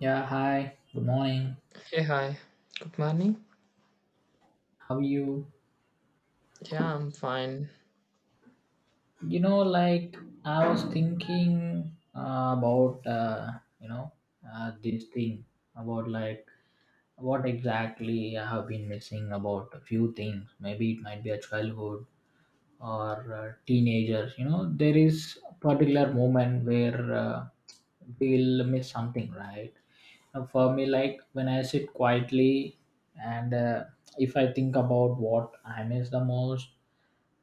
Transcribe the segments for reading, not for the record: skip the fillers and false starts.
Yeah, hi. Good morning. Hey, hi. Good morning. How are you? Yeah, I'm fine. You know, like I was thinking about you know this thing about like what exactly I have been missing about a few things. Maybe it might be a childhood or teenagers. You know, there is a particular moment where we'll miss something, right? Now, for me, like when I sit quietly and if I think about what I miss the most,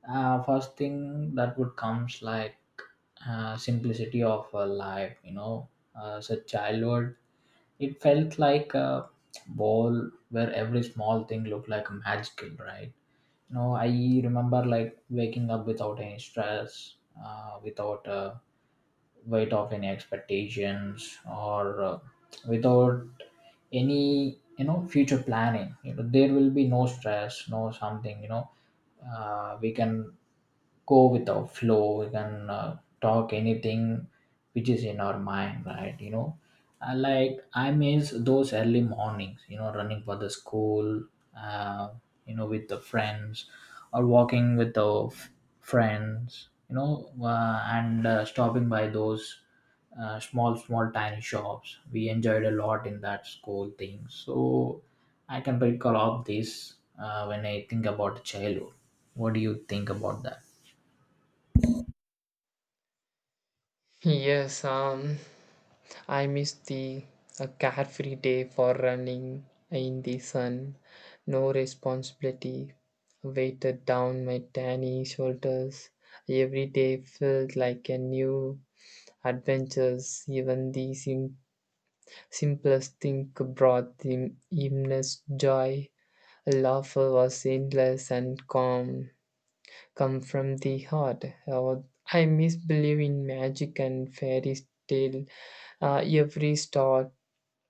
first thing that would comes, like simplicity of a life, you know, as a childhood. It felt like a ball where every small thing looked like magical, right? No, I remember like waking up without any stress, without weight of any expectations, or without any, you know, future planning. You know, there will be no stress, no something. You know, we can go with the flow, we can talk anything which is in our mind, right? You know, I miss those early mornings, you know, running for the school, uh, you know, with the friends, or walking with the friends, you know, and stopping by those small small tiny shops. We enjoyed a lot in that school thing, so I can recall of this when I think about childhood. What do you think about that? Yes, I miss the a carefree day for running in the sun. No responsibility weighted down my tiny shoulders. Every day felt like a new adventure. Even the simplest thing brought the immense joy. Laughter was endless and calm. Come from the heart. I misbelieve in magic and fairy tale. Every star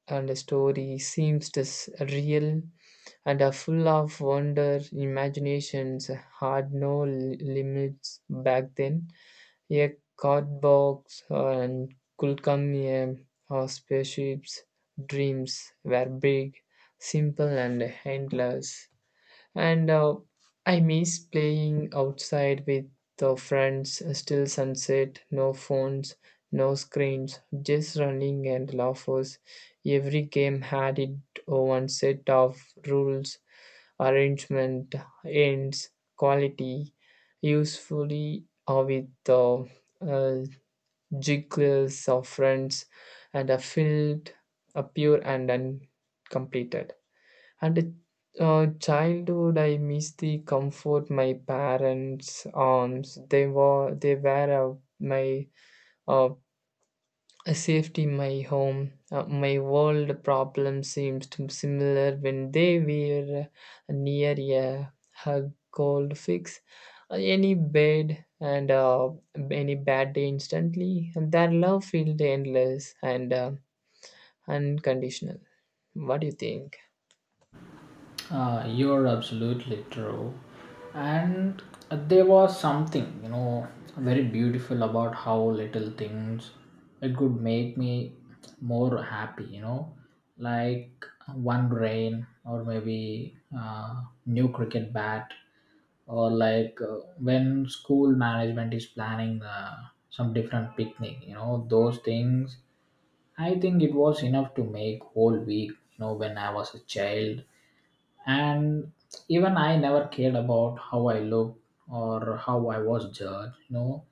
and story seems this real and are full of wonder, imaginations had no limits back then. A card box and could come a our spaceships dreams were big, simple and endless. And I miss playing outside with the friends, still sunset, no phones, no screens, just running and laughers. Every game had its own set of rules, arrangement, ends, quality, usefully or with the uh, jiggles of friends and a field, a pure and uncompleted. And childhood, I miss the comfort my parents' arms. They were my uh, safety, my home, my world. Problem seems to be similar when they were near a, hug, cold fix, any bed and any bad day instantly. And their love felt endless and unconditional. What do you think? You're absolutely true. And there was something, you know, very beautiful about how little things it could make me more happy, you know, like one rain, or maybe new cricket bat, or like when school management is planning some different picnic. You know, those things, I think it was enough to make whole week, you know, when I was a child. And even I never cared about how I looked or how I was judged, you know.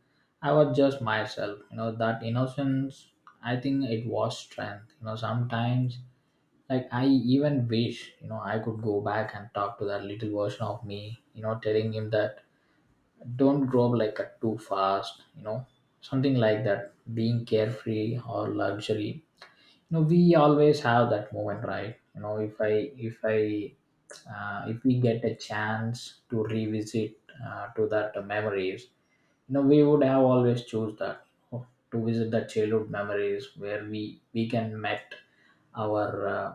I was just myself, you know. That innocence, I think it was strength, you know. Sometimes like I even wish, you know, I could go back and talk to that little version of me, you know, telling him that don't grow up like a too fast, you know, something like that being carefree or luxury. You know, we always have that moment, right? You know, if I if I if we get a chance to revisit to that memories, you know, we would have always choose that. Oh, to visit the childhood memories where we can met our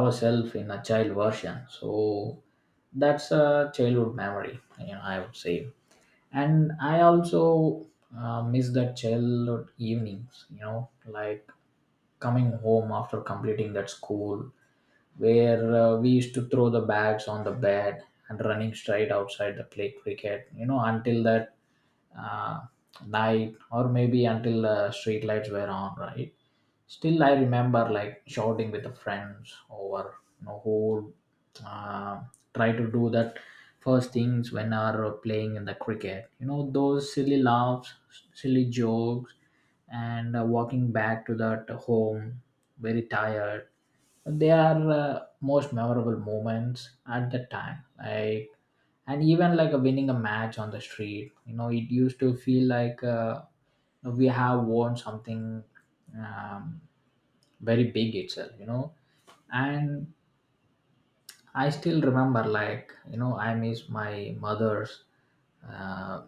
ourselves in a child version. So that's a childhood memory, you know, I would say. And I also miss the childhood evenings, you know, like coming home after completing that school, where we used to throw the bags on the bed and running straight outside the play cricket, you know, until that uh, night, or maybe until the street lights were on, right? Still I remember like shouting with the friends over, you know, who uh, try to do that first things when are playing in the cricket, you know. Those silly laughs, silly jokes, and walking back to that home very tired, they are most memorable moments at that time, like. And even like a winning a match on the street, you know, it used to feel like we have won something um, very big itself, you know. And I still remember, like, you know, I miss my mother's, uh,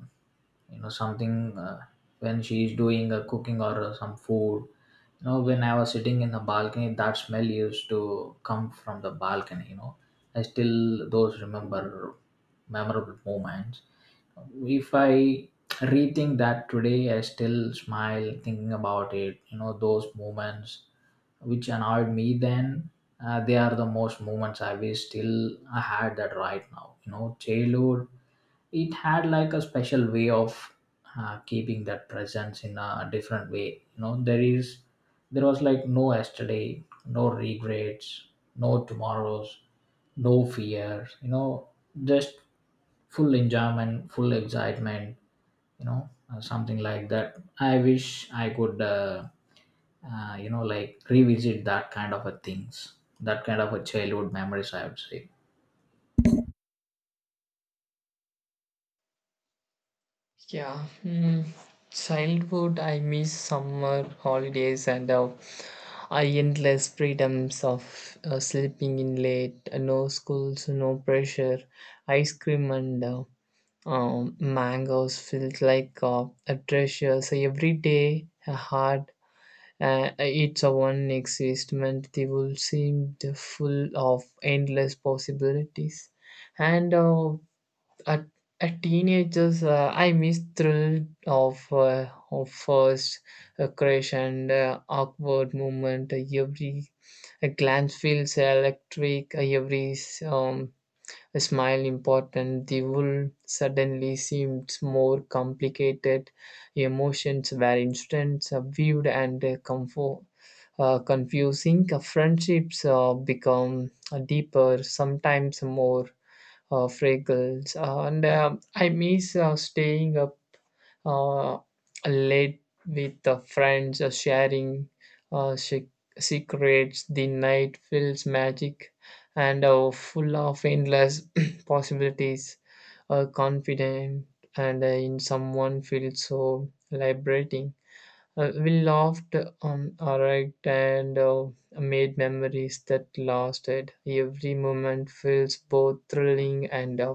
you know, something when she's doing a cooking or some food. You know, when I was sitting in the balcony, that smell used to come from the balcony, you know. I still those remember memorable moments. If I rethink that today, I still smile thinking about it. You know, those moments which annoyed me then, they are the most moments I wish still I had that right now. You know, childhood, it had like a special way of keeping that presence in a different way. You know, there was like no yesterday, no regrets, no tomorrows, no fear. You know, just full enjoyment, full excitement, you know. Something like that, I wish I could you know, like revisit that kind of a things, that kind of a childhood memories, I would say. Yeah, childhood, I miss summer holidays and I endless freedoms of sleeping in late, no schools, no pressure, ice cream and mangoes felt like a treasure. So every day, a heart, it's a one existment. They will seem full of endless possibilities and at, at teenagers I miss thrill of first crush and awkward moment every a glance feels electric every um, smile important the world suddenly seemed more complicated emotions were instant viewed and comfort confusing. Friendships become deeper sometimes more freckles, and I miss staying up uh, late with the friends, sharing uh, sec- secrets. The night feels magic and full of endless possibilities. Confident and in someone feels so liberating. We laughed, arrived, and made memories that lasted. Every moment feels both thrilling and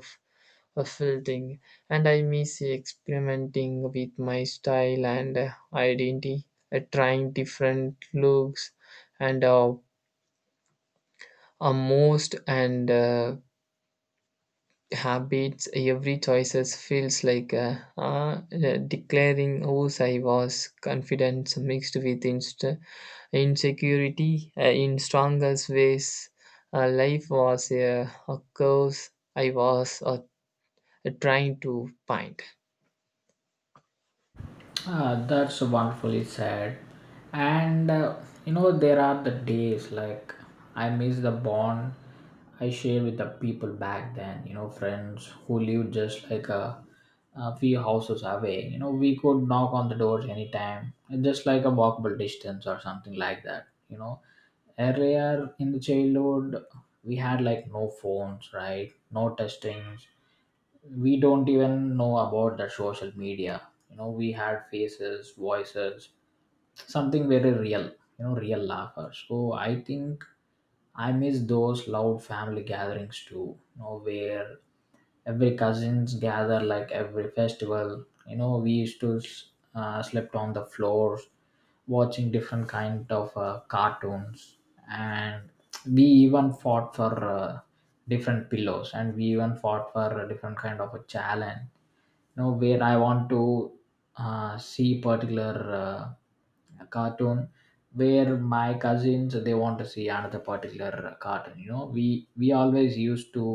fulfilling, and I miss experimenting with my style and identity, trying different looks and most and habits. Every choices feels like declaring whose I was. Confidence mixed with insecurity in strongest ways. Life was a curse I was trying to find. Ah, that's wonderfully said. And you know, there are the days like I miss the bond I shared with the people back then, you know, friends who lived just like a few houses away. You know, we could knock on the doors anytime, just like a walkable distance or something like that, you know. Earlier in the childhood, we had like no phones, right? No testings, we don't even know about the social media, you know. We had faces, voices, something very real, you know, real laughter. So I think I miss those loud family gatherings too, you know, where every cousins gather like every festival. You know, we used to slept on the floors watching different kind of cartoons, and we even fought for different pillows, and we even fought for a different kind of a challenge, you know, where I want to see particular uh, cartoon, where my cousins they want to see another particular cartoon. You know, we always used to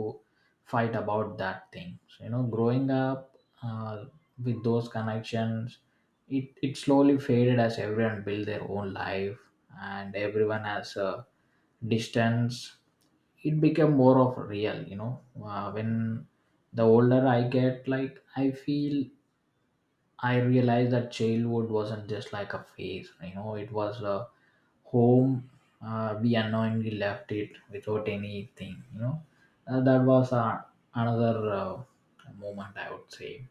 fight about that thing. So you know, growing up uh, with those connections, it slowly faded as everyone built their own life, and everyone has a distance. It became more of real, you know. When the older I get, like I feel I realized that childhood wasn't just like a phase, you know, it was a home. We unknowingly left it without anything, you know. That was another moment, I would say.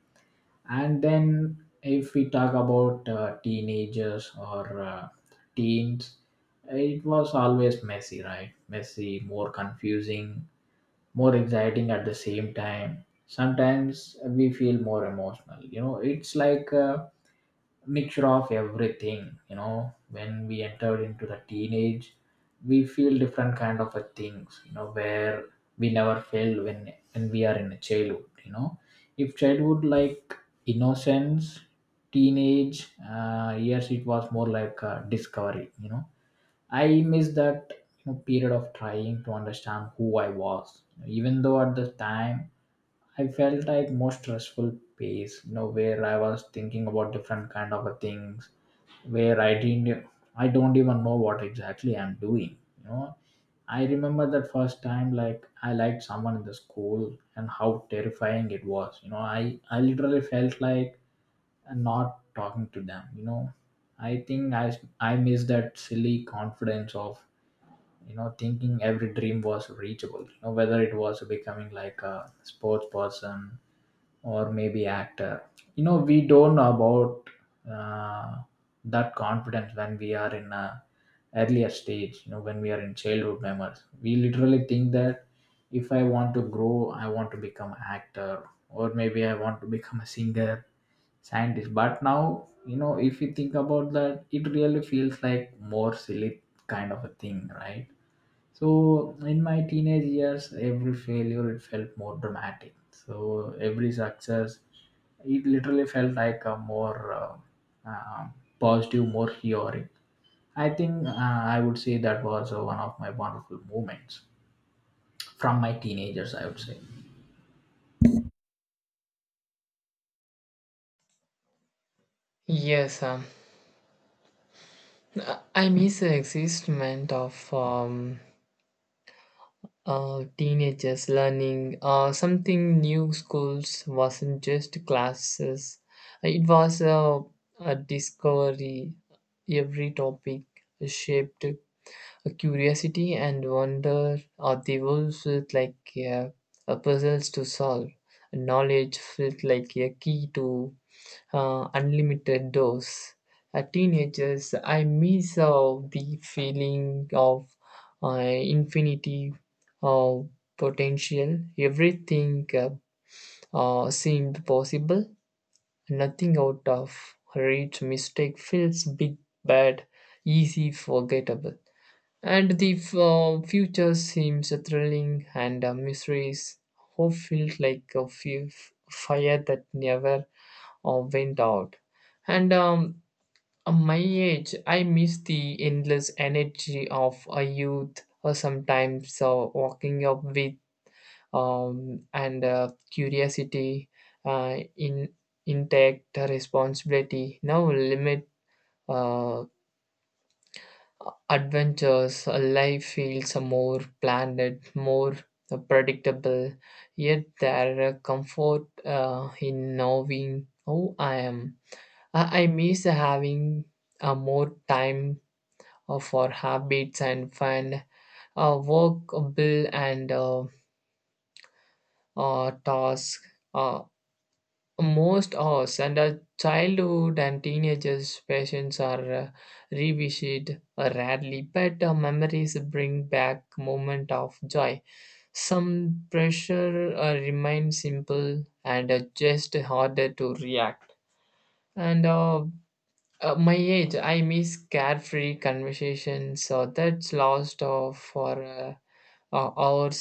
And then if we talk about teenagers or teens, it was always messy, right? Messy, more confusing, more exciting at the same time. Sometimes we feel more emotional, you know. It's like a mixture of everything, you know. When we entered into the teenage, we feel different kind of a things, you know, where we never felt when we are in a childhood, you know. If childhood like innocence, teenage years, it was more like a discovery, you know. I missed that, you know, period of trying to understand who I was. Even though at the time I felt like most stressful pace, you know, where I was thinking about different kind of a things, where I don't even know what exactly I'm doing. You know, I remember that first time, like I liked someone in the school, and how terrifying it was. You know, I literally felt like not talking to them. You know, I think I miss that silly confidence of, you know, thinking every dream was reachable, you know, whether it was becoming like a sports person or maybe actor. You know, we don't know about uh, that confidence when we are in a earlier stage, you know. When we are in childhood memories, we literally think that if I want to grow, I want to become an actor, or maybe I want to become a singer, scientist. But now, you know, if you think about that, it really feels like more silly kind of a thing, right? So in my teenage years, every failure it felt more dramatic. So every success, it literally felt like a more uh, positive, more heroic. I think I would say that was one of my wonderful moments from my teenagers, I would say. Yes, I miss the excitement of teenagers learning something new. Schools wasn't just classes; it was a discovery. Every topic shaped a curiosity and wonder. Or the world felt like uh, a puzzles to solve. Knowledge felt like a key to unlimited dose. Teenagers, I miss the feeling of infinity of potential. Everything seemed possible. Nothing out of reach. Mistake feels big, bad, easy, forgettable. And the future seems thrilling, and mysteries. Hope feels like a few fire that never went out. And at my age, I miss the endless energy of a youth or sometimes walking up with and curiosity in intact responsibility. Now limit uh, adventures, life feels more planned, more predictable, yet there are comfort in knowing who I am. I miss having more time for habits and fun, work, bill, and task. Uh, Most us and our childhood and teenagers' passions are revisited rarely, but memories bring back moment of joy. Some pressure remains simple and just harder to react. And My age, I miss carefree conversations that's lost for hours,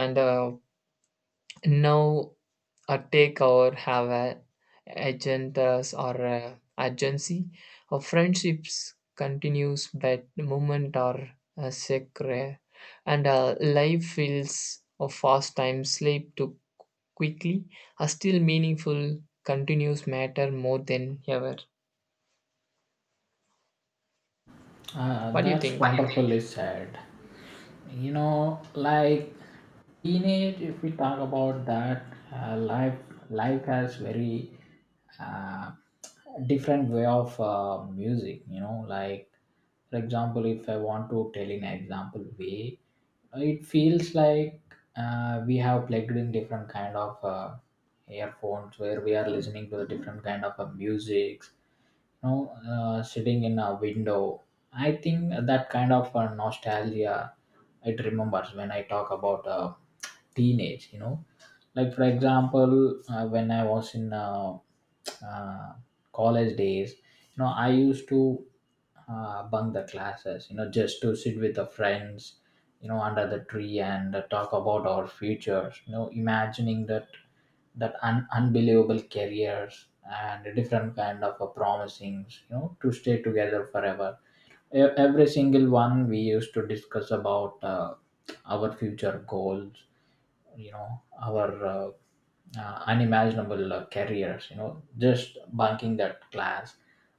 and now a takeover have a agendas or agency. Our friendships continues, but moment are sacred, and life feels of fast time sleep too quickly. A still meaningful continues matter more than ever. Ah, What do you that's think? What do you think? Wonderfully said. You know, like teenage, if we talk about that, uh, life life has very uh, different way of music. You know, like for example, if I want to tell in an example way, it feels like we have plugged in different kind of earphones where we are listening to the different kind of music, know, sitting in a window. I think that kind of nostalgia, it remembers when I talk about teenage. You know, like for example when I was in uh, college days, you know, I used to bunk the classes, you know, just to sit with the friends, you know, under the tree, and talk about our futures, you know, imagining that that unbelievable careers, and different kind of promisings, you know, to stay together forever. Every single one we used to discuss about our future goals, you know, our unimaginable careers, you know, just bunking that class.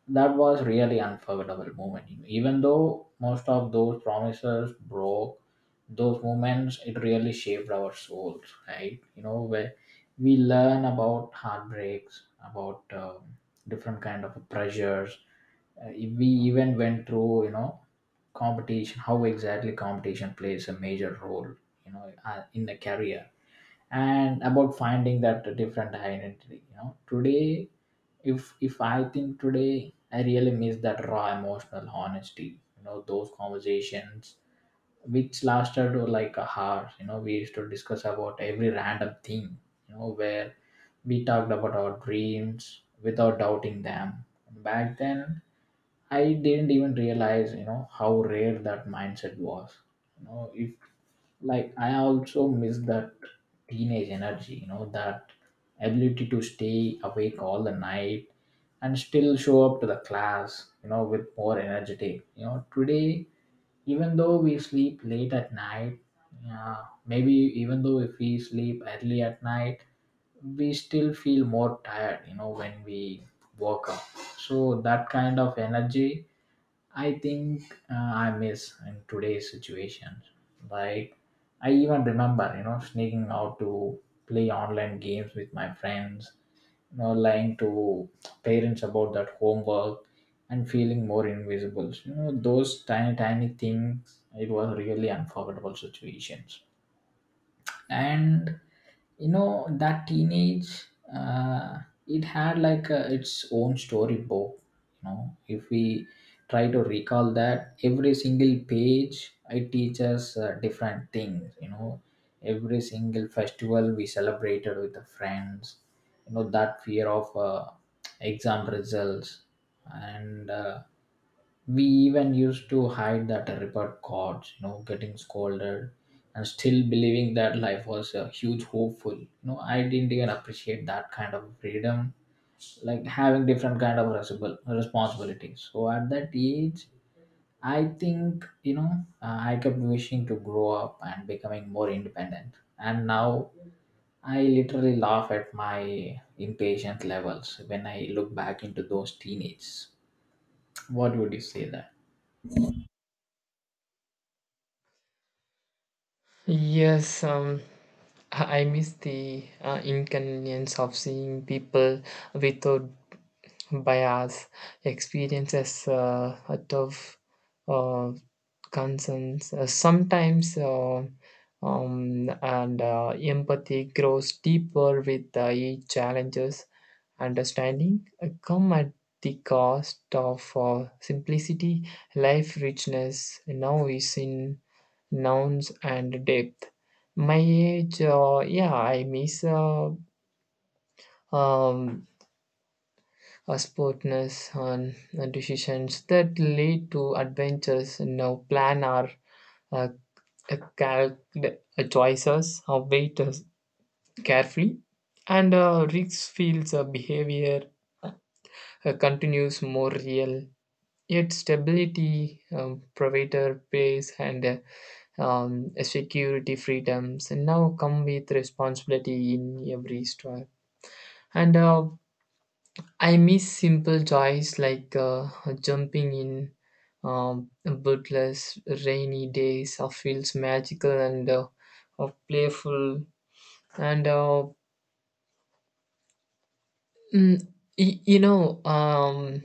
That was really unforgettable moment, you know. Even though most of those promises broke, those moments it really shaped our souls, right? Where we learn about heartbreaks, about different kind of pressures, we even went through, competition, how exactly competition plays a major role, in the career, and about finding that different identity. Today, if I think today, I really miss that raw emotional honesty, those conversations which lasted, like a hour. We used to discuss about every random thing, where we talked about our dreams without doubting them. Back then, I didn't even realize how rare that mindset was. You know if Like, I also miss that teenage energy, that ability to stay awake all the night and still show up to the class, with more energetic, today. Even though we sleep late at night, maybe even though if we sleep early at night, we still feel more tired, when we woke up. So that kind of energy, I think, I miss in today's situation. Like, I even remember, sneaking out to play online games with my friends, lying to parents about that homework, and feeling more invisible. Those tiny, tiny things, it was really unforgettable situations. And that teenage, uh, it had like its own storybook. If we try to recall, that every single page, it teaches different things. Every single festival we celebrated with the friends, that fear of exam results, and we even used to hide that report cards, getting scolded, and still believing that life was a huge hopeful. I didn't even appreciate that kind of freedom, like having different kind of responsibilities. So at that age, I think, I kept wishing to grow up and becoming more independent. And now I literally laugh at my impatient levels when I look back into those teenagers. What would you say that? Yes, I miss the inconvenience of seeing people without bias, experiences, a tough uh, concerns. Sometimes, and empathy grows deeper with each challenges. Understanding come at the cost of simplicity, life richness. Now is in nouns and depth. My age, yeah, I miss um, a sportness on decisions that lead to adventures. Now plan our uh, uh, cal- choices, weight carefully, and risk feels behavior uh, continues more real. Yet stability, provider pace, and security freedoms and now come with responsibility in every step and I miss simple joys like jumping in bootless rainy days of feels magical and of playful and mm, y- you know um,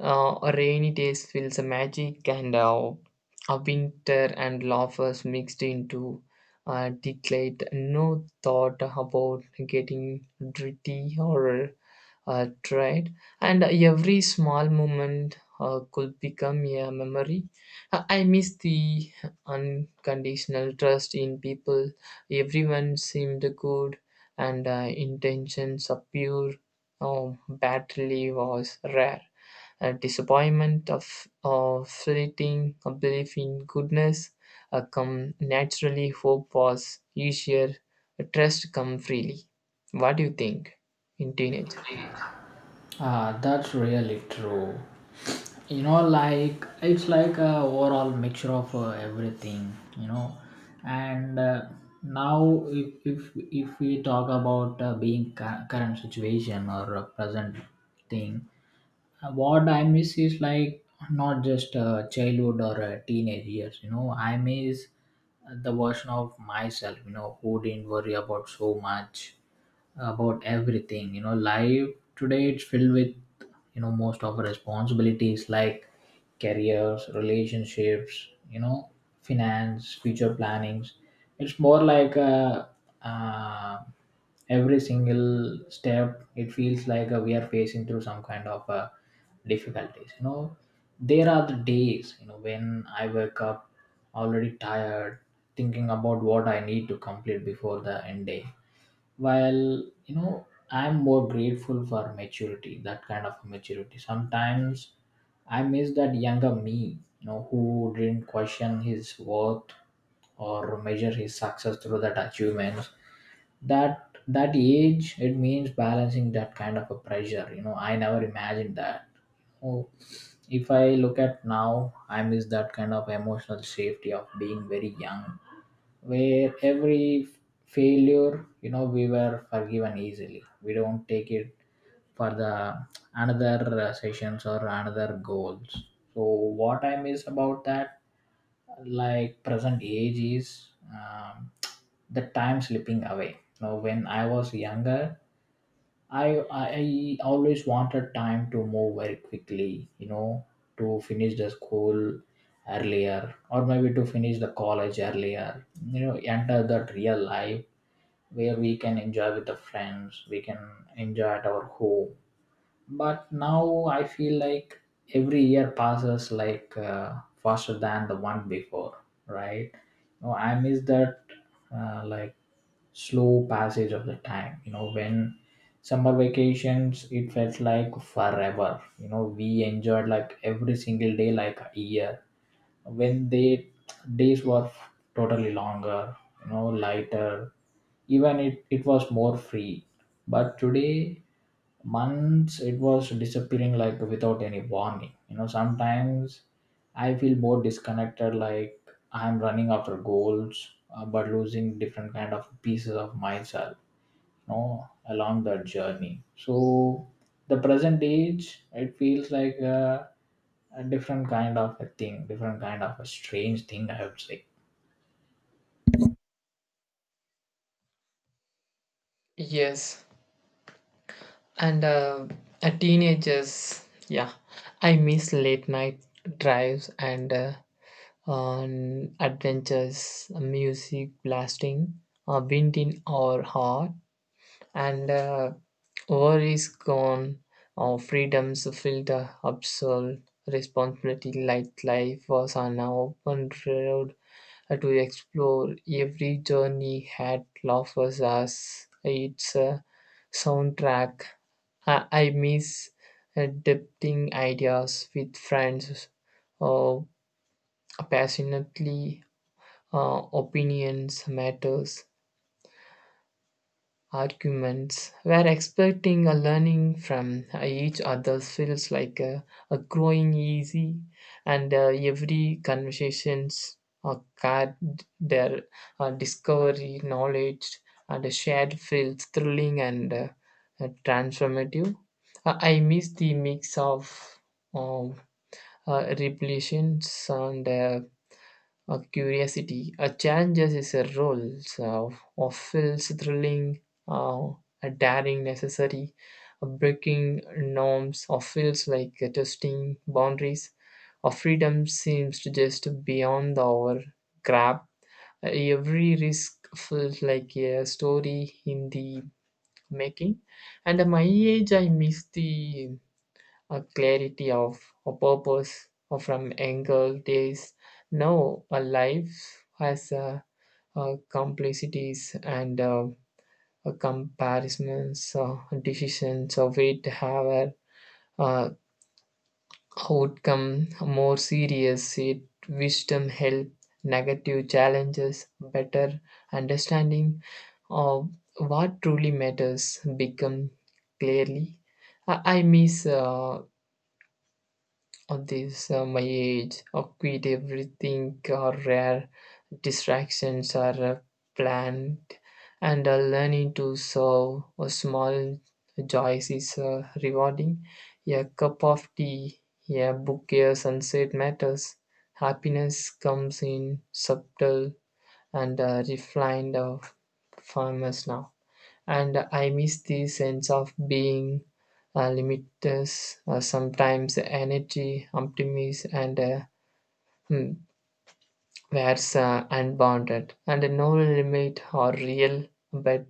Rainy days feels a magic and a winter and laughers mixed into declared no thought about getting dirty or tried, and every small moment could become a memory. I miss the unconditional trust in people. Everyone seemed good, and intentions of pure. Oh, battery was rare. A disappointment of fleeting, a belief in goodness come naturally, hope was easier, trust come freely. What do you think in teenage? Ah, that's really true. Like, it's like a overall mixture of everything. And now, if we talk about being current situation or present thing, what I miss is like not just childhood or teenage years. I miss the version of myself, who didn't worry about so much, about everything. Life today, it's filled with, most of our responsibilities, like careers, relationships, finance, future plannings. It's more like uh, every single step, it feels like we are facing through some kind of difficulties. There are the days, when I wake up already tired, thinking about what I need to complete before the end day. While, I'm more grateful for maturity, that kind of maturity, sometimes I miss that younger me, who didn't question his worth or measure his success through that achievements. That age, it means balancing that kind of a pressure, I never imagined that. Oh, if I look at now, I miss that kind of emotional safety of being very young, where every failure, we were forgiven easily. We don't take it for the another, sessions or another goals. So what I miss about that, like present age, is um, the time slipping away. Now when I was younger, I always wanted time to move very quickly, to finish the school earlier or maybe to finish the college earlier, enter that real life where we can enjoy with the friends, we can enjoy at our home. But now I feel like every year passes like, faster than the one before, right? No, I miss that, like, slow passage of the time, when summer vacations, it felt like forever. We enjoyed like every single day like a year, when they days were totally longer, lighter, even it was more free. But today, months it was disappearing like without any warning. Sometimes I feel more disconnected, like I'm running after goals, but losing different kind of pieces of myself, along that journey. So the present age, it feels like a different kind of a thing, different kind of a strange thing, I would say. Yes, and teenagers, yeah, I miss late night drives and on adventures, music blasting, wind in our heart, and war is gone, our freedoms filled absolute responsibility like life was an open road to explore. Every journey had offers us its soundtrack. I miss debating ideas with friends or passionately opinions matters arguments where expecting a learning from each other feels like a growing easy and every conversations are card their discovery knowledge and a shared feels thrilling and transformative. I miss the mix of um, revelations and a curiosity, a challenges is a role so, of feels thrilling, uh, a daring necessary, a breaking norms, or feels like a testing boundaries. Our freedom seems to just beyond our grab. Every risk feels like a story in the making. And at my age, I miss the a clarity of a purpose or from angle there is now a life has a complexities and a comparisons decisions of it have a uh, outcome more serious it wisdom help negative challenges better understanding of what truly matters become clearly. I miss at this my age, I quit everything are rare, distractions are planned, and learning to serve a small joys is rewarding. A cup of tea, a bouquet of sunset matters. Happiness comes in subtle and refined forms now and I miss the sense of being limitless, sometimes energy, optimism, and hmm, where's unbounded, and no limit or real, but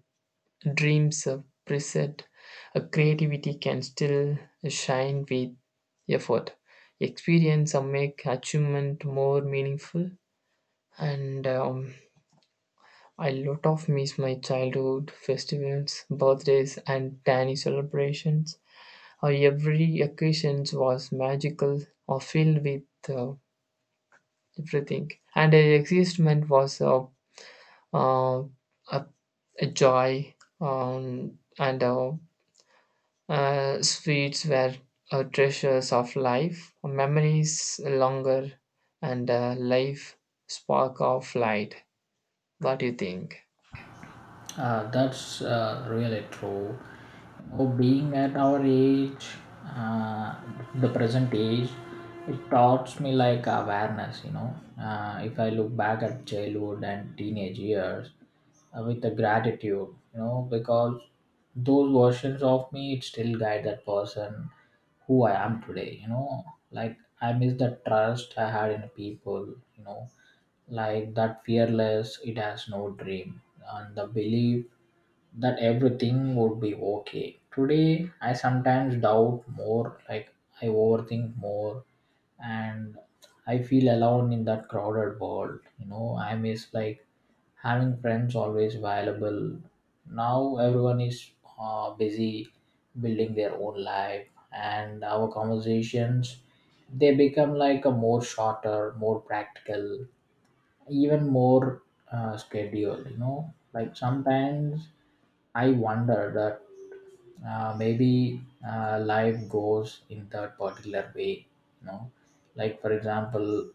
dreams of preset, creativity can still shine with effort. Experience or make achievement more meaningful, and I lot of miss my childhood festivals, birthdays, and tiny celebrations. Or every occasion was magical or filled with uh, everything, and her existence was a uh, a, a joy, and sweets were treasures of life, memories longer, and life spark of light. What do you think? That's really true. Or being at our age, uh, the present age, it taught me like awareness. If I look back at childhood and teenage years, with the gratitude, because those versions of me, it still guide that person who I am today. Like, I miss the trust I had in people, you know, like that fearless, it has no dream, and the belief that everything would be okay. Today, I sometimes doubt more, like I overthink more, and I feel alone in that crowded world. I miss, like, having friends always available. Now, everyone is busy building their own life, and our conversations, they become like a more shorter, more practical, even more scheduled. Like, sometimes I wonder that, maybe, life goes in that particular way, you know like for example,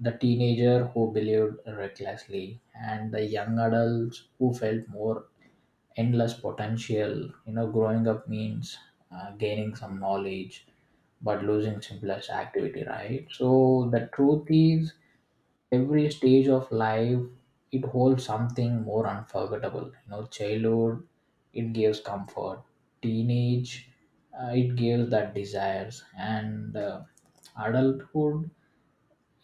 the teenager who believed recklessly and the young adults who felt more endless potential. Growing up means gaining some knowledge, but losing simplest activity, right? So the truth is, every stage of life, it holds something more unforgettable. Childhood, it gives comfort. Teenage, it gives that desires, and adulthood,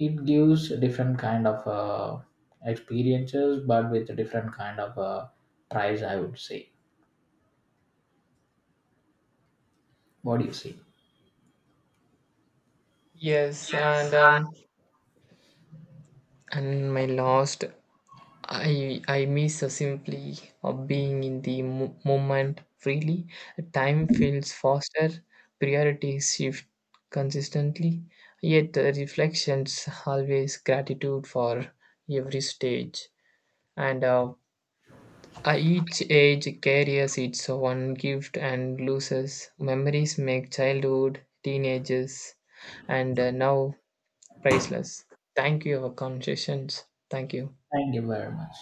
it gives different kind of experiences, but with a different kind of price, I would say. What do you say? Yes, and my last I miss the simply of being in the moment freely. Time feels faster, priorities shift consistently, yet the reflections always gratitude for every stage. And Each age carries its one gift and loses. Memories make childhood, teenagers, and now priceless. Thank you for conversations. Thank you. Thank you very much.